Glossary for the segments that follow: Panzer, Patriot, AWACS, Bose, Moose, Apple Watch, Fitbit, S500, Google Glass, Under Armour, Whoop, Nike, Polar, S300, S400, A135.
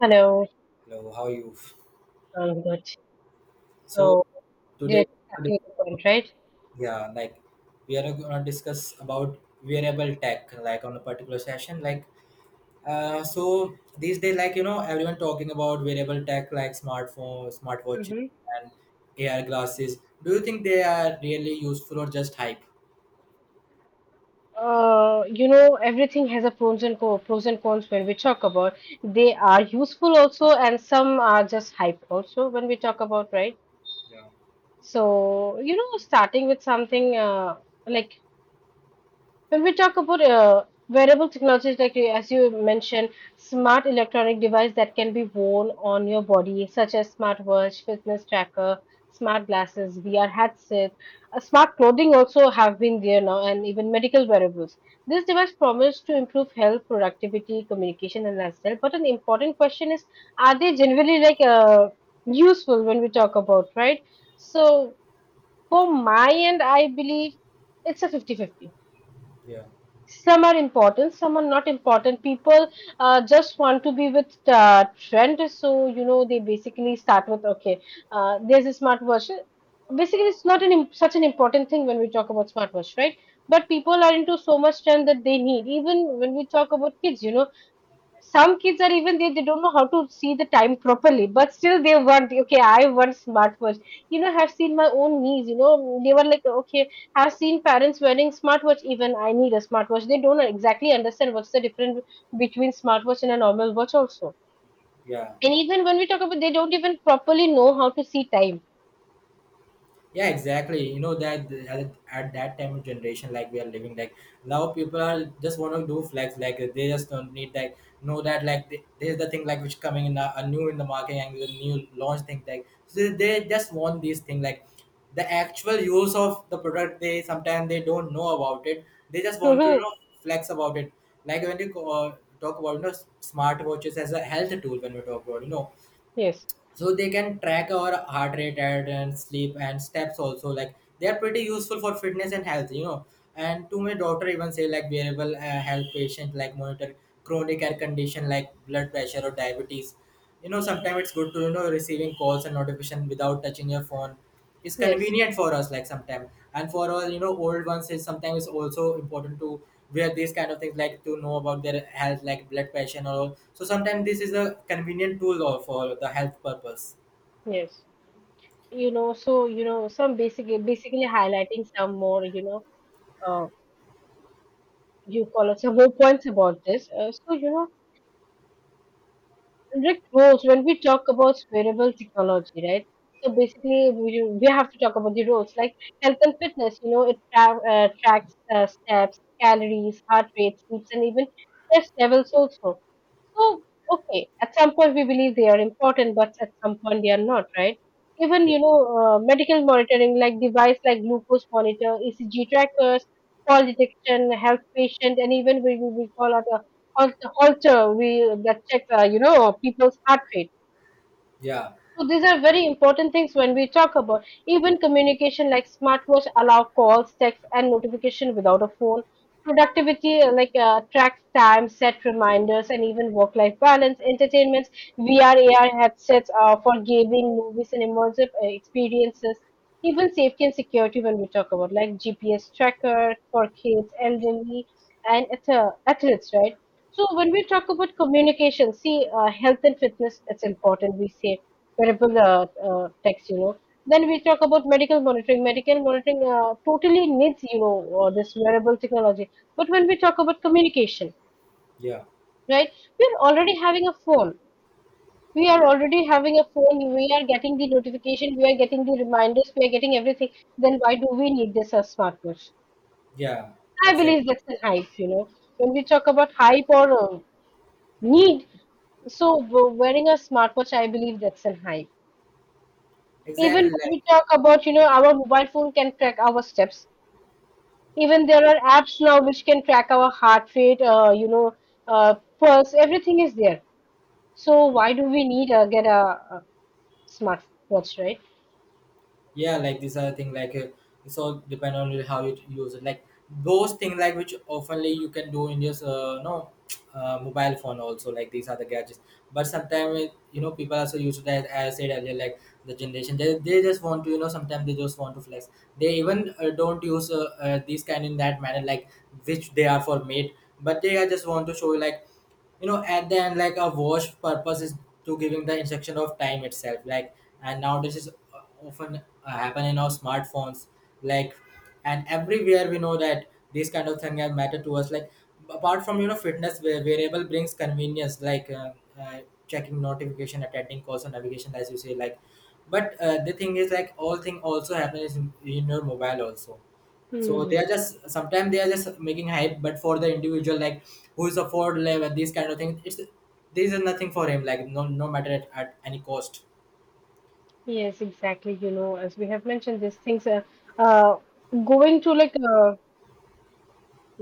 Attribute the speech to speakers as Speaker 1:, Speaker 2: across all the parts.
Speaker 1: Hello,
Speaker 2: Hello, how are you?
Speaker 1: I'm good.
Speaker 2: So
Speaker 1: So, yeah,
Speaker 2: today,
Speaker 1: starting with the point, right?
Speaker 2: yeah, like we are gonna discuss about wearable tech, like on a particular session. Like, so these days, like everyone talking about wearable tech, like smartphones, smartwatches,
Speaker 1: Mm-hmm.
Speaker 2: and AR glasses. Do you think they are really useful or just hype?
Speaker 1: You know, everything has a pros and co pros and cons when we talk about. They are useful also, and some are just hype also when we talk about, right?
Speaker 2: Yeah.
Speaker 1: So, you know, starting with something like. When we talk about wearable technologies, like as you mentioned, smart electronic device that can be worn on your body, such as smartwatch, fitness tracker, smart glasses, VR headset, smart clothing also have been there now, and even medical wearables. This device promise to improve health, productivity, communication, and lifestyle. But an important question is, are they generally like useful when we talk about, right? So for my end, I believe it's a 50-50.
Speaker 2: Yeah,
Speaker 1: Some are important, some are not important. People just want to be with trend, so you know, they basically start with okay, there's a smartwatch. Basically, it's not such an important thing when we talk about smartwatch, right? But people are into so much trend that they need. Even when we talk about kids, you know, some kids are, even they don't know how to see the time properly, but still they want, okay, I want smartwatch. You know, I've seen my own niece, you know, they were like, okay, I've seen parents wearing smartwatch, even I need a smartwatch. They don't exactly understand what's the difference between smartwatch and a normal watch also.
Speaker 2: yeah.
Speaker 1: And even when we talk about, they don't even properly know how to see time.
Speaker 2: Yeah, exactly, that at that time of generation like we are living. Like now people are just want to do flex, like they just don't need, like know that like there's the thing like which coming in a new in the market and the new launch thing, like so they just want these thing like. The actual use of the product, they sometimes they don't know about it. They just want to
Speaker 1: Mhm.
Speaker 2: flex about it. Like when you talk about smartwatches as a health tool, when we talk about,
Speaker 1: Yes.
Speaker 2: so they can track our heart rate and sleep and steps also, like they are pretty useful for fitness and health, you know. And to my daughter even say, like wearable help patient like monitor chronic air condition like blood pressure or diabetes.
Speaker 1: Mhm.
Speaker 2: Sometimes it's good to receiving calls and notification without touching your phone. It's
Speaker 1: Yes.
Speaker 2: convenient for us, like sometimes. And for all old ones is, sometimes it's also important to wear these kind of things, like to know about their health, like blood pressure or so. Sometimes this is a convenient tool or for the health purpose.
Speaker 1: Yes, you know, so you know, some basic, basically highlighting some more, you know, uh, you call out some more points about this. Rick roles, when we talk about wearable technology, right? So basically, we have to talk about the roles, like health and fitness. You know, it tracks steps, calories, heart rate, sleeps, and even stress levels also. So, okay, at some point we believe they are important, but at some point they are not, right? Even,
Speaker 2: Yeah,
Speaker 1: you know, medical monitoring like device like glucose monitor, ECG trackers, fall detection, help patient, and even we call out a halter, we that checks, you know, people's heart rate.
Speaker 2: yeah,
Speaker 1: So these are very important things when we talk about. Even communication, like smartwatch allow calls, text, and notification without a phone. Productivity like tracks time, set reminders, and even work-life balance. Entertainments, VR, AR headsets for gaming, movies, and immersive experiences. Even safety and security when we talk about, like GPS tracker for kids, elderly, and athletes, right? So when we talk about communication, see, health and fitness, it's important. We say wearable techs, you know. Then we talk about medical monitoring. Medical monitoring totally needs, you know, this wearable technology. But when we talk about communication,
Speaker 2: yeah,
Speaker 1: right, we're already having a phone. We are already having a phone. We are getting the notification. We are getting the reminders. We are getting everything. Then why do we need this as smartwatch?
Speaker 2: yeah,
Speaker 1: I
Speaker 2: exactly,
Speaker 1: believe that's an hype, you know. When we talk about hype or need, so wearing a smartwatch, I believe that's an hype. Even
Speaker 2: exactly.
Speaker 1: when we talk about, you know, our mobile phone can track our steps. Even there are apps now which can track our heart rate, you know, pulse, everything is there. So why do we need get a smartwatch, right?
Speaker 2: Yeah, like this other thing, like it's all depend on how you use it, like those things like which oftenly you can do in your no mobile phone also, like these are the gadgets. But sometimes, you know, people also use it as I said earlier, like the generation they just want to, you know, sometimes they just want to flex. They even don't use these kind in that manner, like which they are for made, but they are just want to show, like at the end, like a wash purpose is to giving the instruction of time itself like. And now this is often happen in our smartphones, like. And everywhere we know that these kind of thing are matter to us, like apart from fitness, where variable brings convenience, like uh, checking notification, attending calls and navigation, as you say, like. But the thing is, like all thing also happens in your mobile also. So they
Speaker 1: Hmm.
Speaker 2: are just sometimes they are just making hype, but for the individual like who is afford level these kind of things, it's there is nothing for him, like no, no matter at any cost.
Speaker 1: Yes, exactly. You know, as we have mentioned, these things are uh, going to like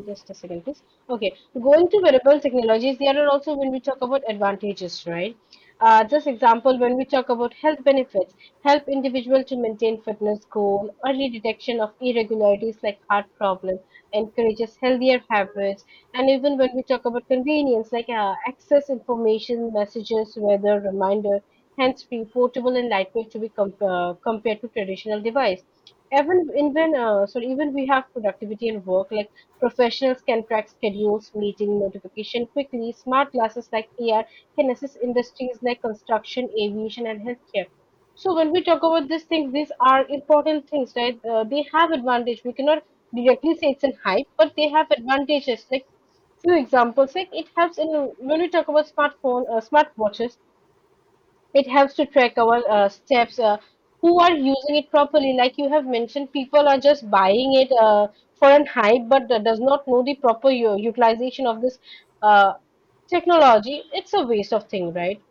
Speaker 1: just a second, please. Okay, going to wearable technologies, there are also, when we talk about advantages, right? Just example, when we talk about health benefits, help individual to maintain fitness goal, early detection of irregularities like heart problems, encourages healthier habits, and even when we talk about convenience, like access information, messages, weather, reminder, hands-free, portable, and lightweight to be compared to traditional device. Even sorry, even we have productivity and work, like professionals can track schedules, meeting notification quickly. Smart glasses like AR can assist industries like construction, aviation, and healthcare. So when we talk about these things, these are important things, right? They have advantage. We cannot directly say it's an hype, but they have advantages. Like few examples, like it helps in when we talk about smartphone, smartwatches, it helps to track our steps. Who are using it properly, like you have mentioned, people are just buying it for an hype, but that does not know the proper utilization of this uh, technology. It's a waste of thing, right?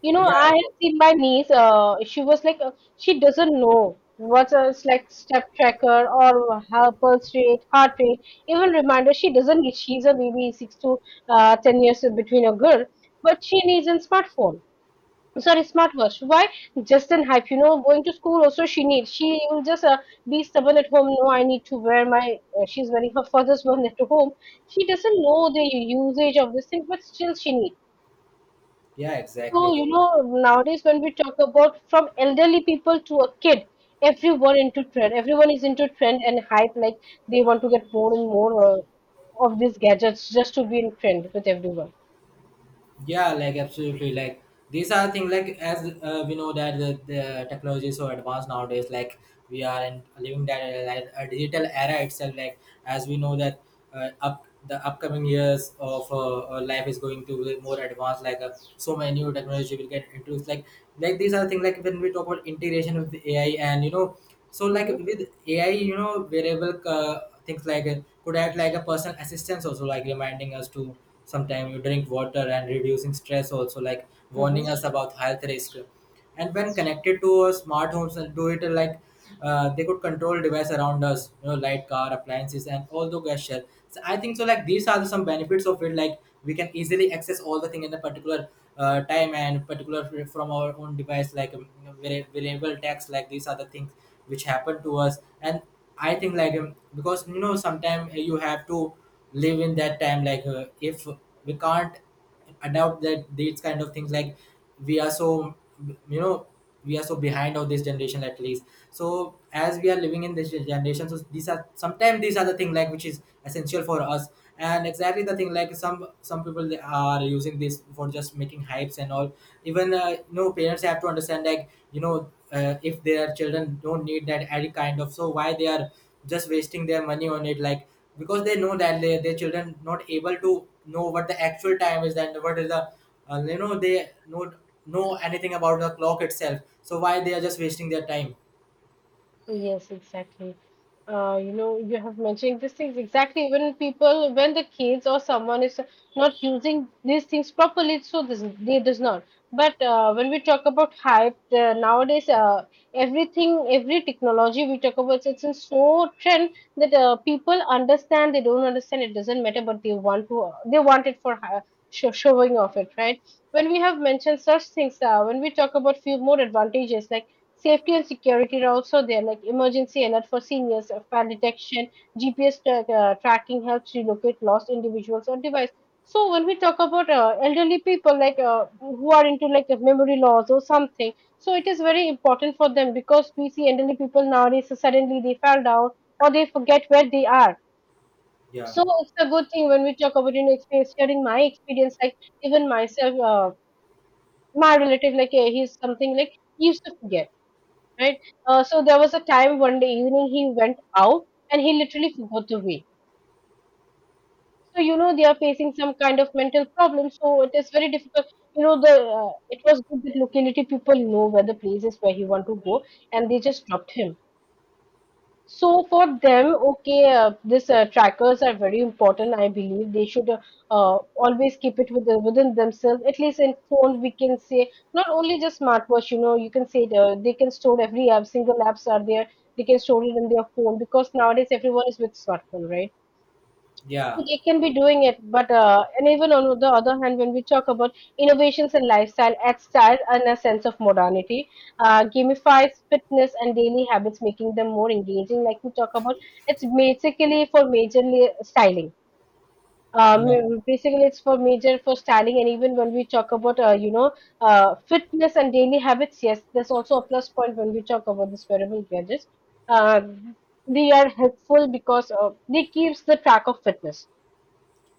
Speaker 1: You know, I
Speaker 2: Yeah,
Speaker 1: have seen my niece, she was like, she doesn't know what's a, it's like step tracker or her pulse rate, heart rate, even reminder, she doesn't. She's a baby, six to 10 years between a girl, but she needs a smartphone, sorry, smartwatch. Why? Just in hype. You know, going to school also she needs. She will just be stubborn at home, no, I need to wear my she's wearing her father's one at home. She doesn't know the usage of this thing, but still she needs.
Speaker 2: yeah,
Speaker 1: So
Speaker 2: exactly.
Speaker 1: you know, nowadays when we talk about, from elderly people to a kid, everyone into trend, everyone is into trend and hype, like they want to get more and more of these gadgets just to be in trend with everyone.
Speaker 2: Yeah, like absolutely. Like these are things like, as we know that the technology is so advanced nowadays. Like we are in living that like a digital era itself. Like as we know that up the upcoming years of life is going to be more advanced. Like so many new technology will get introduced. Like these are things like when we talk about integration with AI, and so, like
Speaker 1: Hmm.
Speaker 2: with AI, variable things, like could act like a personal assistance also, like reminding us to sometimes you drink water and reducing stress also, like warning us about health risk. And when connected to our smart homes and do it like they could control device around us, light, car, appliances and all the gesture. So I think so, like these are some benefits of it, like we can easily access all the thing in a particular time and particular from our own device, like variable text, like these are the things which happen to us. And I think, like because sometimes you have to live in that time, like if we can't adopt that these kind of things, like we are so, you know, we are so behind of this generation, at least. So as we are living in this generation, so these are sometimes these are the thing like which is essential for us. And exactly the thing like some people they are using this for just making hypes and all. Even parents have to understand, like if their children don't need that any kind of, so why they are just wasting their money on it, like because they know that they, their children not able to know what the actual time is and what is the they not know anything about the clock itself, so why they are just wasting their time.
Speaker 1: Yes, exactly. You know, you have mentioned these things exactly. When people, when the kids or someone is not using these things properly, so this they does not. But when we talk about hype nowadays, everything, every technology we talk about, it's in so trend that people understand, they don't understand, it doesn't matter, but they want to. They want it for show, showing off it, right? When we have mentioned such things, when we talk about few more advantages, like safety and security are also there, like emergency alert for seniors, fire detection, GPS tracking helps you locate lost individuals or device. So when we talk about elderly people, like who are into like memory loss or something, so it is very important for them, because we see elderly people nowadays suddenly they fall down or they forget where they are.
Speaker 2: Yeah.
Speaker 1: So it's a good thing. When we talk about, you know, experience, sharing my experience, like even myself, my relative, like he's something like he used to forget, right? So there was a time one day evening he went out and he literally forgot the way. So you know, they are facing some kind of mental problem, so it is very difficult. You know, the it was good that locality people know where the place is where he want to go, and they just dropped him. So for them, okay, this trackers are very important. I believe they should always keep it with within themselves. At least in phone, we can say, not only just smartwatch. You know, you can say they can store every app, single apps are there. They can store it in their phone, because nowadays everyone is with smartphone, right?
Speaker 2: Yeah,
Speaker 1: So, they can be doing it. But and even on the other hand, when we talk about innovations in lifestyle, add style and a sense of modernity, gamifies fitness and daily habits, making them more engaging, like we talk about. It's basically for majorly styling.
Speaker 2: yeah,
Speaker 1: um, Basically it's for major for styling. And even when we talk about you know, fitness and daily habits, yes, there's also a plus point when we talk about this wearable gadgets. uh, they are helpful because they keeps the track of fitness.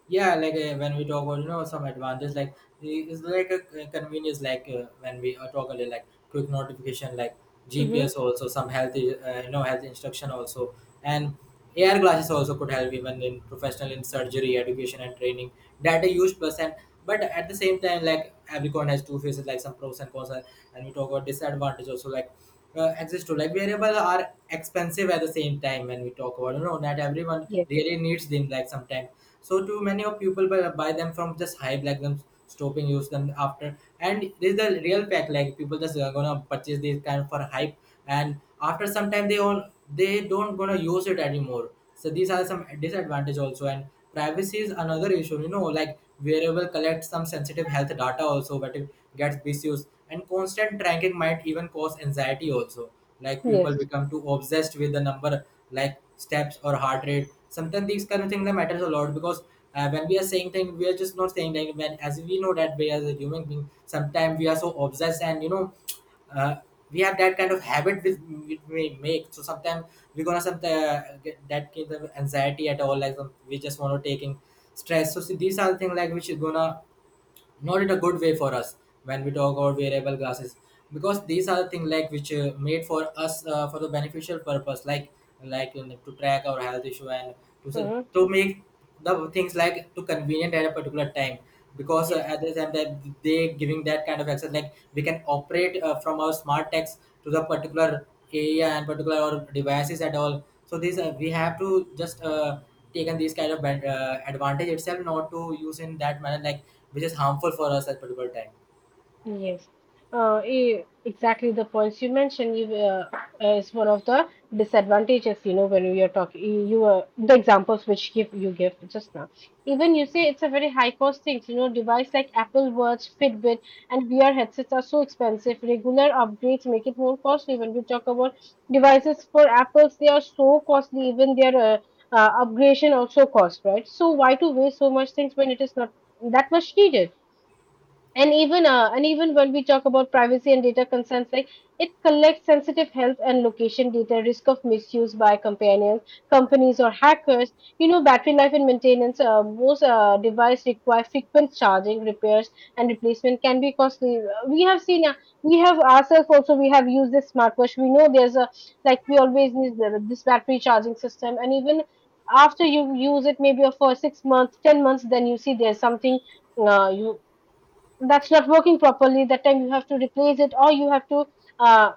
Speaker 2: yeah, like when we talk about, some advantage, like it's like a convenience, like when we talk earlier, like quick notification, like
Speaker 1: Mhm.
Speaker 2: GPS also, some healthy health instruction also. And AR glasses also could help even in professional in surgery, education and training. That data used percent. But at the same time, like every coin has two faces, like some pros and cons and we talk about disadvantage also, like access to like variable are expensive. At the same time when we talk about, you know, not everyone
Speaker 1: Yes.
Speaker 2: really needs them, like sometimes. So too many of people buy them from just hype, like them stopping use them after. And this is the real fact, like people just are gonna purchase this kind of for hype, and after some time they all they don't gonna use it anymore. So these are some disadvantage also. And privacy is another issue, like wearable collects some sensitive health data also, but it gets misused, and constant tracking might even cause anxiety also, like people
Speaker 1: Yes.
Speaker 2: become too obsessed with the number, like steps or heart rate. Sometimes these kind of things that matters a lot because when we are saying things, we are just not saying, like when, as we know that we as a human being, sometimes we are so obsessed. And uh, we have that kind of habit with which we make. So sometimes we're gonna some that kind of anxiety at all. Like some-, we just want to taking stress. So see, these are the things like which is gonna not in a good way for us when we talk about wearable glasses. Because these are the things like which made for us for the beneficial purpose, like you know, to track our health issue and to
Speaker 1: Uh huh.
Speaker 2: to make the things like to convenient at a particular time. Because
Speaker 1: Yes.
Speaker 2: at the time that they giving that kind of access, like we can operate from our smart tags to the particular area and particular our devices at all. So these we have to just taken these kind of bad, advantage itself, not to use in that manner like which is harmful for us at particular time.
Speaker 1: Yes, exactly the points you mentioned is one of the disadvantages, you know, when we are talking, you the examples which give you give just now. Even you say it's a very high cost thing, you know, device like Apple Watch, Fitbit, and VR headsets are so expensive. Regular upgrades make it more costly. When we talk about devices for Apples, they are so costly. Even their upgradation also cost, right? So why to waste so much things when it is not that much needed? And even and even when we talk about privacy and data consents, like it collects sensitive health and location data, risk of misuse by companions companies or hackers. You know, battery life and maintenance, most device require frequent charging, repairs and replacement can be costly. We have ourselves also, we have used this smartwatch, we know there's a, like we always need this battery charging system. And even after you use it maybe for 6 months, 10 months, then you see there's something, you that's not working properly. That time you have to replace it or you have to uh,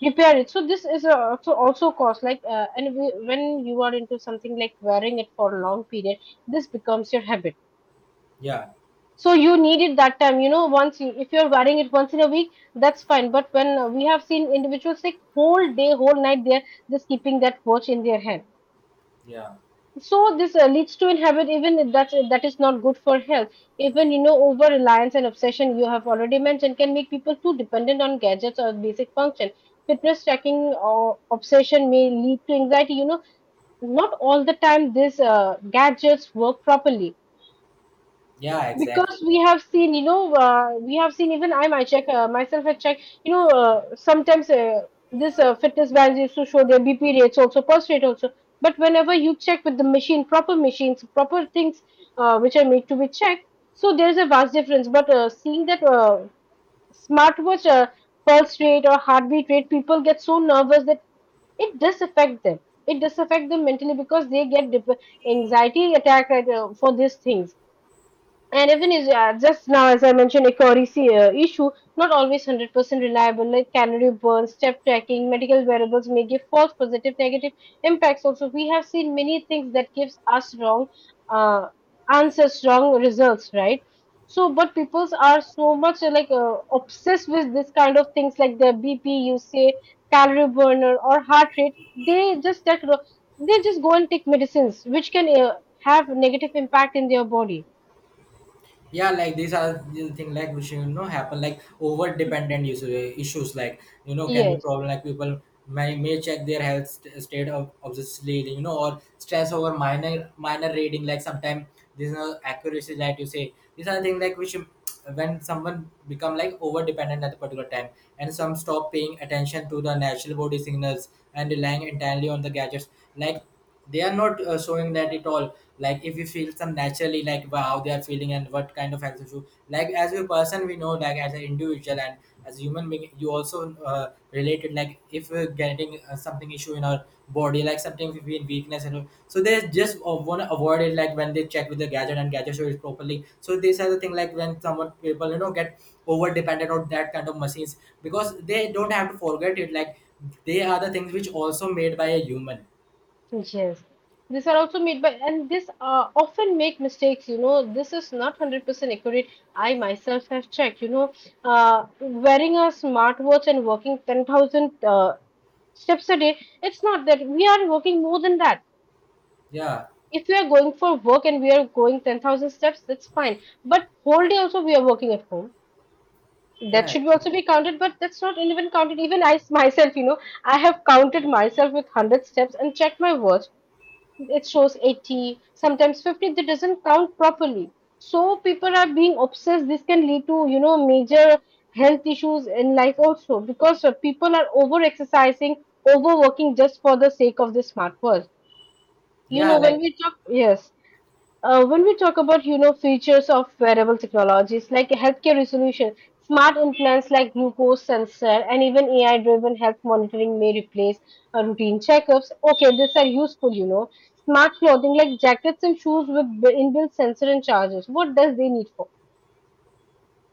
Speaker 1: repair it. So this is a, also also cost, like and when you are into something like wearing it for a long period, this becomes your habit.
Speaker 2: Yeah,
Speaker 1: So you need it that time, you know. If you're wearing it once in a week, that's fine. But when we have seen individuals, like whole day, whole night they're just keeping that watch in their hand.
Speaker 2: yeah,
Speaker 1: So this leads to inhabit, even that is not good for health. Even, you know, over reliance and obsession, you have already mentioned, can make people too dependent on gadgets or basic function, fitness tracking, or obsession may lead to anxiety. You know, not all the time these gadgets work properly,
Speaker 2: yeah, exactly.
Speaker 1: because we have seen, even I might check myself I check, you know sometimes this fitness bands used to show their BP rates also, pulse rate also. But whenever you check with the machine proper machines, proper things, which are made to be checked, so there's a vast difference. But seeing that smartwatch pulse rate or heartbeat rate, people get so nervous that it does affect them. It does affect them mentally, because they get anxiety attack, right, for these things. And even is, yeah, just now as I mentioned, a currency issue, not always 100% reliable, like calorie burn, step tracking, medical variables may give false positive, negative impacts. Also, we have seen many things that gives us wrong, uh, answers, wrong results, right? So, but people are so much obsessed with this kind of things, like their BP, you say, calorie burner or heart rate. They just take, they just go and take medicines, which can have negative impact in their body.
Speaker 2: Yeah, like these are the thing like which you know happen, like over dependent issues like you know can be
Speaker 1: Yes.
Speaker 2: problem, like people may check their health state of, obviously, you know, or stress over minor reading, like sometimes this is not accuracy, like you say these are things like which when someone become like over dependent at a particular time, and some stop paying attention to the natural body signals and relying entirely on the gadgets, like they are not showing that at all. Like if you feel some naturally, like wow, how they are feeling and what kind of exercise you like as a person, we know like as an individual. And as a human being, you also related, like if we're getting something issue in our body, like sometimes we feel weakness and all. So they just want to avoid it, like when they check with the gadget and gadget show it properly. So these are the thing like when someone people you know get over dependent on that kind of machines. Because they don't have to forget it, like they are the things which also made by a human.
Speaker 1: Yes, these are also made by, and this often make mistakes. You know, this is not 100% accurate. I myself have checked. Wearing a smartwatch and working 10,000 steps a day, it's not that we are working more than that.
Speaker 2: Yeah.
Speaker 1: If we are going for work and we are going 10,000 steps, that's fine. But whole day also we are working at home.
Speaker 2: Yeah,
Speaker 1: That should
Speaker 2: actually.
Speaker 1: also be counted, but that's not even counted. Even myself, you know, I have counted myself with 100 steps and checked my watch, it shows 80, sometimes 50. That doesn't count properly. So people are being obsessed, this can lead to, you know, major health issues in life also, because people are over exercising, overworking just for the sake of the smart world. You
Speaker 2: Yeah,
Speaker 1: know, when
Speaker 2: like
Speaker 1: we talk, yes, when we talk about, you know, features of wearable technologies, like healthcare resolution, smart implants like glucose sensor, and even AI-driven health monitoring may replace routine checkups. Okay, these are useful, you know. Smart clothing like jackets and shoes with inbuilt sensor and chargers. What does they need for?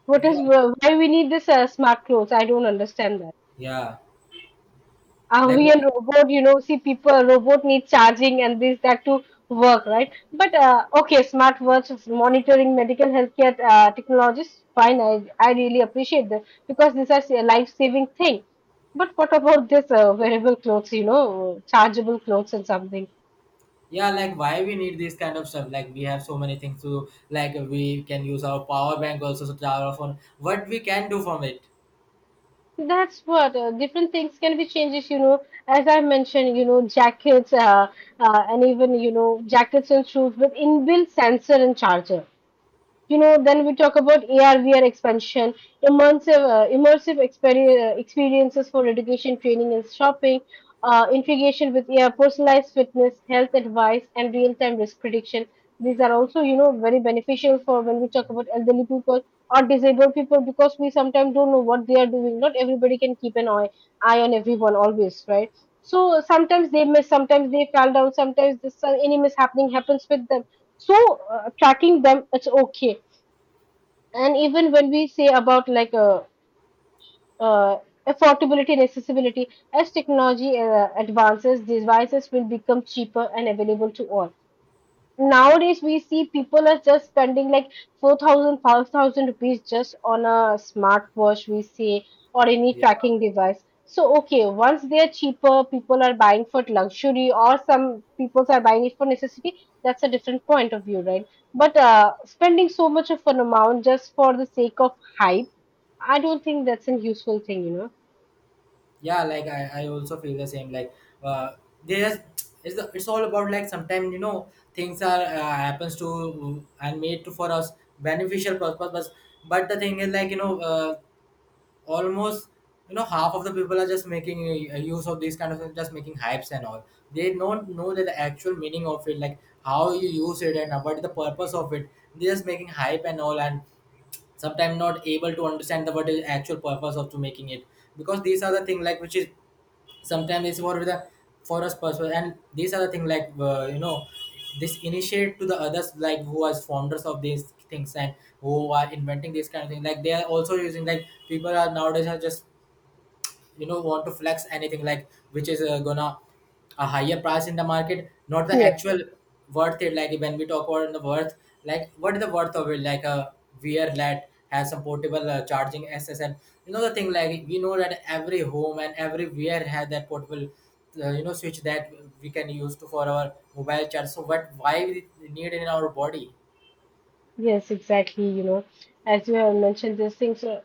Speaker 1: What
Speaker 2: yeah,
Speaker 1: is, why we need this smart clothes? I don't understand that.
Speaker 2: yeah.
Speaker 1: Are
Speaker 2: Like
Speaker 1: we and robot? You know, see, people, a robot needs charging and this, that to work, right? But okay, smart watch monitoring, medical healthcare technologies, fine. I really appreciate that, because these are a life-saving thing. But what about this wearable clothes, you know, chargeable clothes and something?
Speaker 2: yeah, like why we need this kind of stuff? Like we have so many things to do. Like we can use our power bank also to charge our phone. What we can do from it?
Speaker 1: That's what different things can be changes, you know. As I mentioned, you know, you know, jackets and shoes with inbuilt sensor and charger. You know, then we talk about AR VR expansion, immersive immersive experiences for education, training and shopping. Uh, integration with AR, personalized fitness health advice and real time risk prediction. These are also, you know, very beneficial for when we talk about elderly people or disabled people, because we sometimes don't know what they are doing. Not everybody can keep an eye on everyone always, right? So sometimes they miss, sometimes they fall down, sometimes this any mishappening happens with them. So tracking them, it's okay. And even when we say about like uh, affordability and accessibility, as technology advances, devices will become cheaper and available to all. Nowadays we see people are just spending like 4,000, 5,000 rupees just on a smartwatch, we say, or any
Speaker 2: Yeah.
Speaker 1: tracking device. So okay, once they're cheaper, people are buying for luxury, or some people are buying it for necessity. That's a different point of view, right? But spending so much of an amount just for the sake of hype, I don't think that's a useful thing, you know.
Speaker 2: Yeah, like I also feel the same. Like uh there's it's all about, like, sometimes, you know, things are happens to and made to for us beneficial purpose, but the thing is like, you know, almost, you know, half of the people are just making use of these kind of things, just making hypes and all. They don't know that the actual meaning of it, like how you use it and what is the purpose of it. They're just making hype and all, and sometimes not able to understand the what is actual purpose of to making it, because these are the thing like which is sometimes it's more with the for us purpose. And these are the thing like, you know, this initiate to the others, like who are founders of these things and who are inventing these kind of thing, like they are also using, like people are nowadays are just, you know, want to flex anything, like which is gonna a higher price in the market, not the
Speaker 1: Yeah.
Speaker 2: actual worth it. Like when we talk about the worth, like what is the worth of it, like a VR that has some portable charging SSL. You know, the thing like we know that every home and every VR has that portable, you know, switch that we can use to for our mobile charge. So what why we need in our body?
Speaker 1: Yes, exactly. You know, as you have mentioned these things,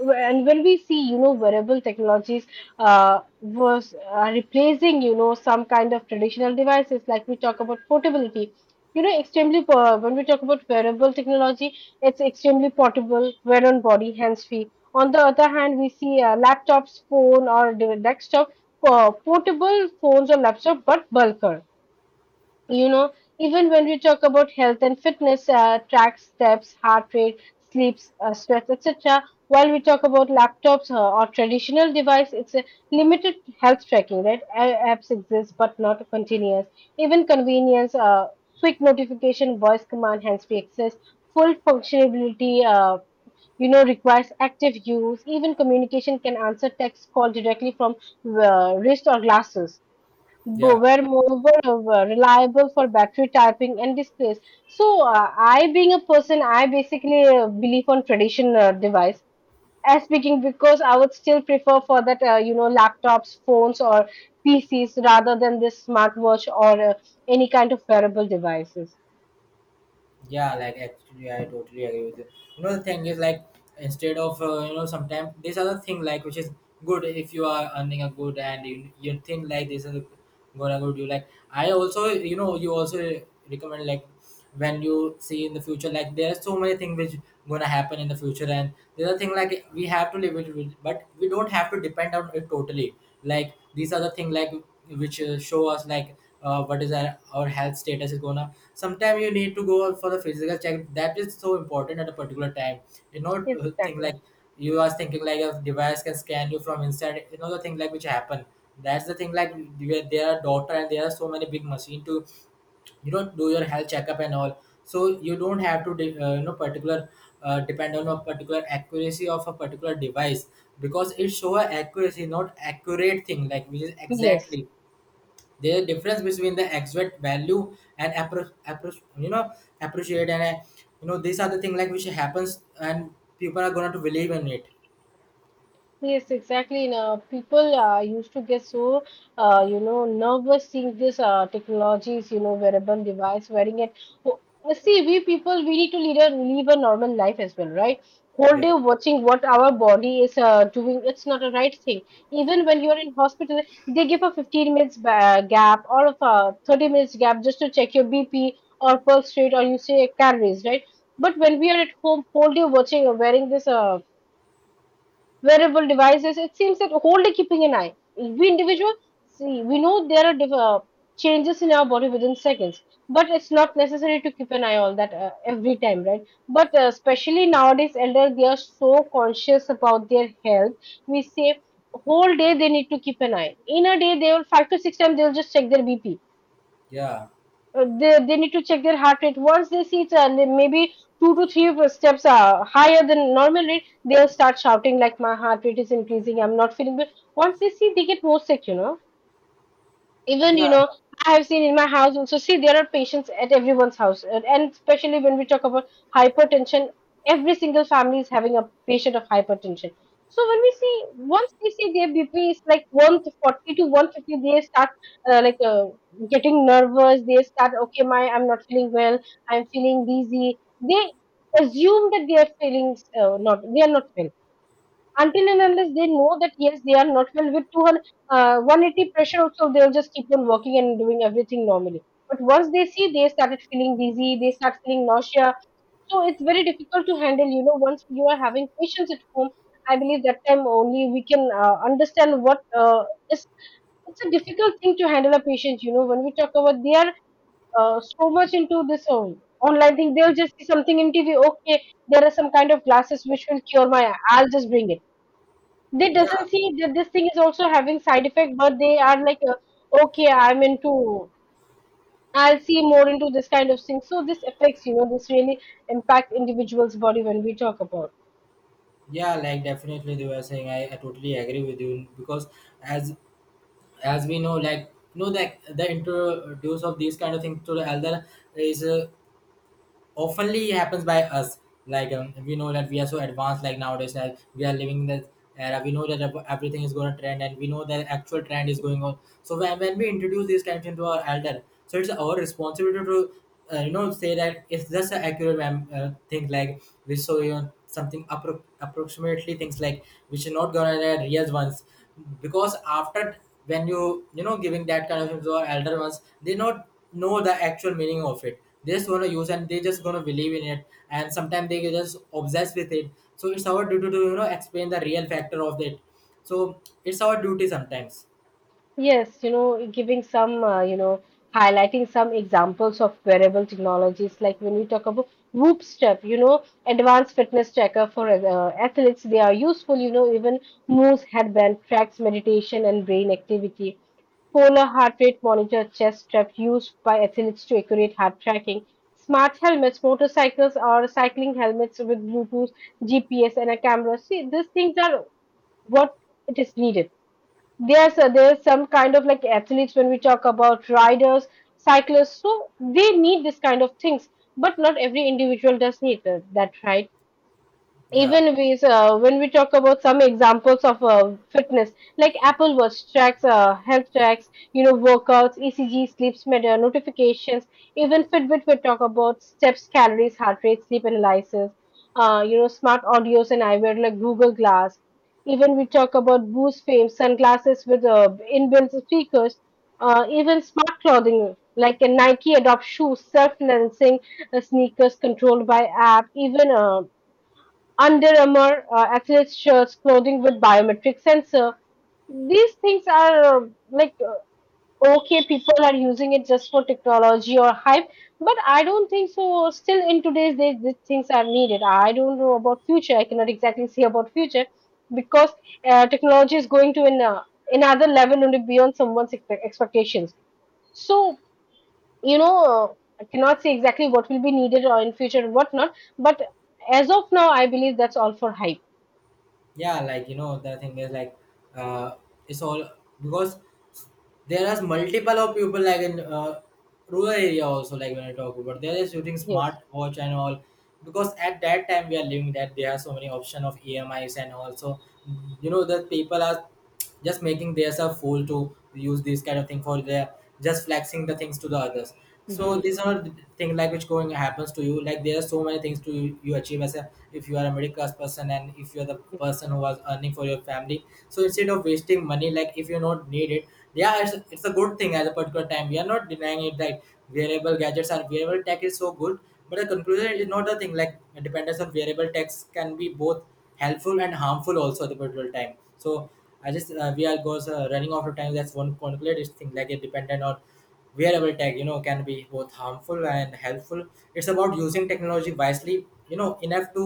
Speaker 1: and when we see, you know, wearable technologies was replacing, you know, some kind of traditional devices, like we talk about portability. You know, extremely, when we talk about wearable technology, it's extremely portable, wear on body, hands free. On the other hand, we see laptops, phone, or desktop, portable phones or laptop, but bulkier, you know. Even when we talk about health and fitness, track steps, heart rate, sleeps, stress, etc. While we talk about laptops or traditional device, it's a limited health tracking, right? Apps exist, but not continuous. Even convenience, quick notification, voice command, hands-free access, full functionality, you know, requires active use. Even communication can answer text call directly from wrist or glasses
Speaker 2: Yeah.
Speaker 1: were moreover reliable for battery typing and displays. So being a person, I basically believe on traditional device. As speaking, because I would still prefer for that, you know, laptops, phones, or PCs rather than this smartwatch or any kind of wearable devices.
Speaker 2: Yeah, like actually, I totally agree with you. You know, the thing is like instead of, you know, sometimes this other thing, like which is good if you are earning a good and you think like this is gonna good you, like I also, you know, you also recommend, like when you see in the future, like there are so many things which gonna happen in the future. And the other thing, like we have to live it with, but we don't have to depend on it totally. Like these are the thing like which show us, like, what is our health status is gonna. Sometimes you need to go for the physical check, that is so important at a particular time. You know,
Speaker 1: Yes,
Speaker 2: thing like
Speaker 1: exactly.
Speaker 2: you are thinking like a device can scan you from inside, you know, the thing like which happen. That's the thing like where there are doctor and there are so many big machine to, you know, do your health checkup and all. So you don't have to you know, particular, depend on a particular accuracy of a particular device, because it show a accuracy, not accurate thing like which is
Speaker 1: Yes.
Speaker 2: exactly the difference between the exact value and you know, appreciate, and, you know, these are the thing like which happens, and people are going to believe in it.
Speaker 1: Yes, exactly. And, people used to get so, you know, nervous seeing this technologies, you know, wearable device, wearing it. Oh, see, we people, we need to lead a, live a normal life as well, right? Whole
Speaker 2: yeah
Speaker 1: day watching what our body is doing, it's not a right thing. Even when you're in hospital, they give a 15 minutes gap or of a 30 minutes gap just to check your BP or pulse rate or you say calories, right? But when we are at home, whole day watching or wearing this wearable devices. It seems that wholly keeping an eye. We individual, see, we know there are changes in our body within seconds, but it's not necessary to keep an eye on that every time, right? But especially nowadays, elder, they are so conscious about their health. We say whole day they need to keep an eye. In a day, they will 5 to 6 times they will just check their BP,
Speaker 2: yeah
Speaker 1: they need to check their heart rate. Once they see it's maybe 2 to 3 steps higher than normal rate, they'll start shouting like, my heart rate is increasing, I'm not feeling good. Once they see, they get more sick, you know. Even, you
Speaker 2: yeah
Speaker 1: know, I have seen in my house also. See, there are patients at everyone's house, and especially when we talk about hypertension, every single family is having a patient of hypertension. So when we see, once they see their BP is like 140 to 150, they start uh, like uh, getting nervous. They start, okay, my I'm not feeling well, I'm feeling dizzy. They assume that they are feeling not they are not well. Until and unless they know that, yes, they are not well, with 200, 180 pressure also, they'll just keep on working and doing everything normally. But once they see, they started feeling dizzy, they start feeling nausea. So it's very difficult to handle, you know, once you are having patients at home. I believe, that time only we can understand what is it's a difficult thing to handle a patient. You know, when we talk about, they are so much into this online thing, they'll just see something in TV, okay, there are some kind of glasses which will cure my, I'll just bring it. They doesn't
Speaker 2: yeah.
Speaker 1: see that this thing is also having side effect, but they are like, okay, I'm into, I'll see more into this kind of thing. So this affects, you know, this really impacts individuals body when we talk about.
Speaker 2: Yeah, like definitely they were saying, I totally agree with you because as as we know, like you know that the introduce of these kind of things to the elder is oftenly happens by us. Like, we know that we are so advanced, like nowadays, like we are living in the era. We know that everything is going to trend, and we know that actual trend is going on. So when we introduce these kinds into our elder, so it's our responsibility to, you know, say that it's just an accurate thing like we saw, you know, something approximately things like which are not gonna be real ones. Because after when you know, giving that kind of info to elder ones, they not know the actual meaning of it. They just want to use and they just gonna believe in it, and sometimes they get just obsessed with it. So it's our duty to, you know, explain the real factor of it. So it's our duty sometimes.
Speaker 1: Yes, you know, giving some, you know, highlighting some examples of wearable technologies, like when we talk about Whoop Step, you know, advanced fitness tracker for athletes, they are useful, you know. Even Moose headband tracks meditation and brain activity. Polar heart rate monitor chest strap used by athletes to accurate heart tracking. Smart helmets, motorcycles or cycling helmets with Bluetooth, GPS, and a camera. See, these things are what it is needed. There's some kind of, like athletes, when we talk about riders, cyclists. So they need this kind of things, but not every individual does need that, right?
Speaker 2: Yeah.
Speaker 1: Even we when we talk about some examples of fitness, like Apple Watch tracks health, tracks, you know, workouts, ECG, sleep meter, notifications. Even Fitbit, will talk about steps, calories, heart rate, sleep analysis. Uh, you know, smart audios and eyewear like Google Glass. Even we talk about Boost Fame sunglasses with inbuilt speakers. Uh, even smart clothing like a Nike adopt shoes, self-lensing sneakers controlled by app. Even Under Armour athletes shirts, clothing with biometric sensor. These things are okay, people are using it just for technology or hype, but I don't think so. Still, in today's days, these things are needed. I don't know about future. I cannot exactly say about future, because technology is going to an, another level only beyond someone's expectations. So, you know, I cannot say exactly what will be needed or in future and whatnot, but as of now, I believe that's all for hype.
Speaker 2: Yeah, like, you know, the thing is like, uh it's all because there are multiple of people, like in, rural area also. Like when I talk about, they are shooting smart
Speaker 1: Yes.
Speaker 2: watch and all, because at that time we are living that there are so many option of EMIs, and also you know that people are just making themselves fool to use this kind of thing for their just flexing the things to the others. So
Speaker 1: Hmm.
Speaker 2: these are the thing like which going happens to you. Like there are so many things to you, you achieve as a, if you are a middle class person, and if you are the person who was earning for your family, so instead of wasting money, like if you not need it. Yeah, it's a good thing at a particular time. We are not denying it that variable gadgets and variable tech is so good, but the conclusion is not a thing like dependence on variable tax can be both helpful and harmful also at the particular time. So I just, we are goes running out of time. That's one concluded thing, like it dependent on wearable tech, you know, can be both harmful and helpful. It's about using technology wisely, you know, enough to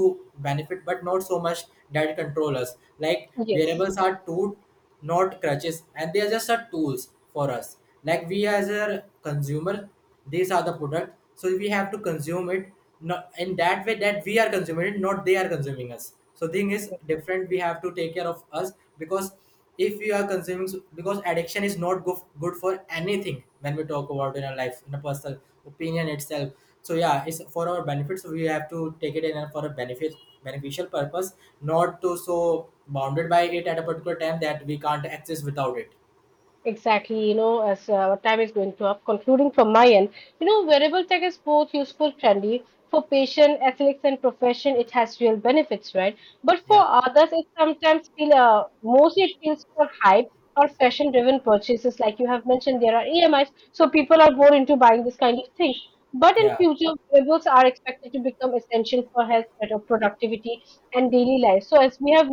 Speaker 2: benefit but not so much that it control us. Like
Speaker 1: Yes,
Speaker 2: wearables are tool, not crutches, and they are just a tools for us. Like we as a consumer, these are the product, so we have to consume it, not in that way that we are consuming it, not they are consuming us. So thing is
Speaker 1: yes,
Speaker 2: different. We have to take care of us, because if we are consuming so, because addiction is not good for anything when we talk about in our life in a personal opinion itself. So yeah, it's for our benefit. So we have to take it in and for a benefit beneficial purpose, not to so bounded by it at a particular time that we can't exist without it.
Speaker 1: exactly. You know, as our time is going to up, concluding from my end, you know, wearable tech is both useful, trendy for patient, athletes, and profession. It has real benefits, right? But for
Speaker 2: Yeah.
Speaker 1: others, it sometimes feel mostly it feels for hype or fashion-driven purchases. Like you have mentioned, there are EMIs, so people are more into buying this kind of thing. But in
Speaker 2: Yeah.
Speaker 1: future, wearables are expected to become essential for health, better productivity, and daily life. So as we have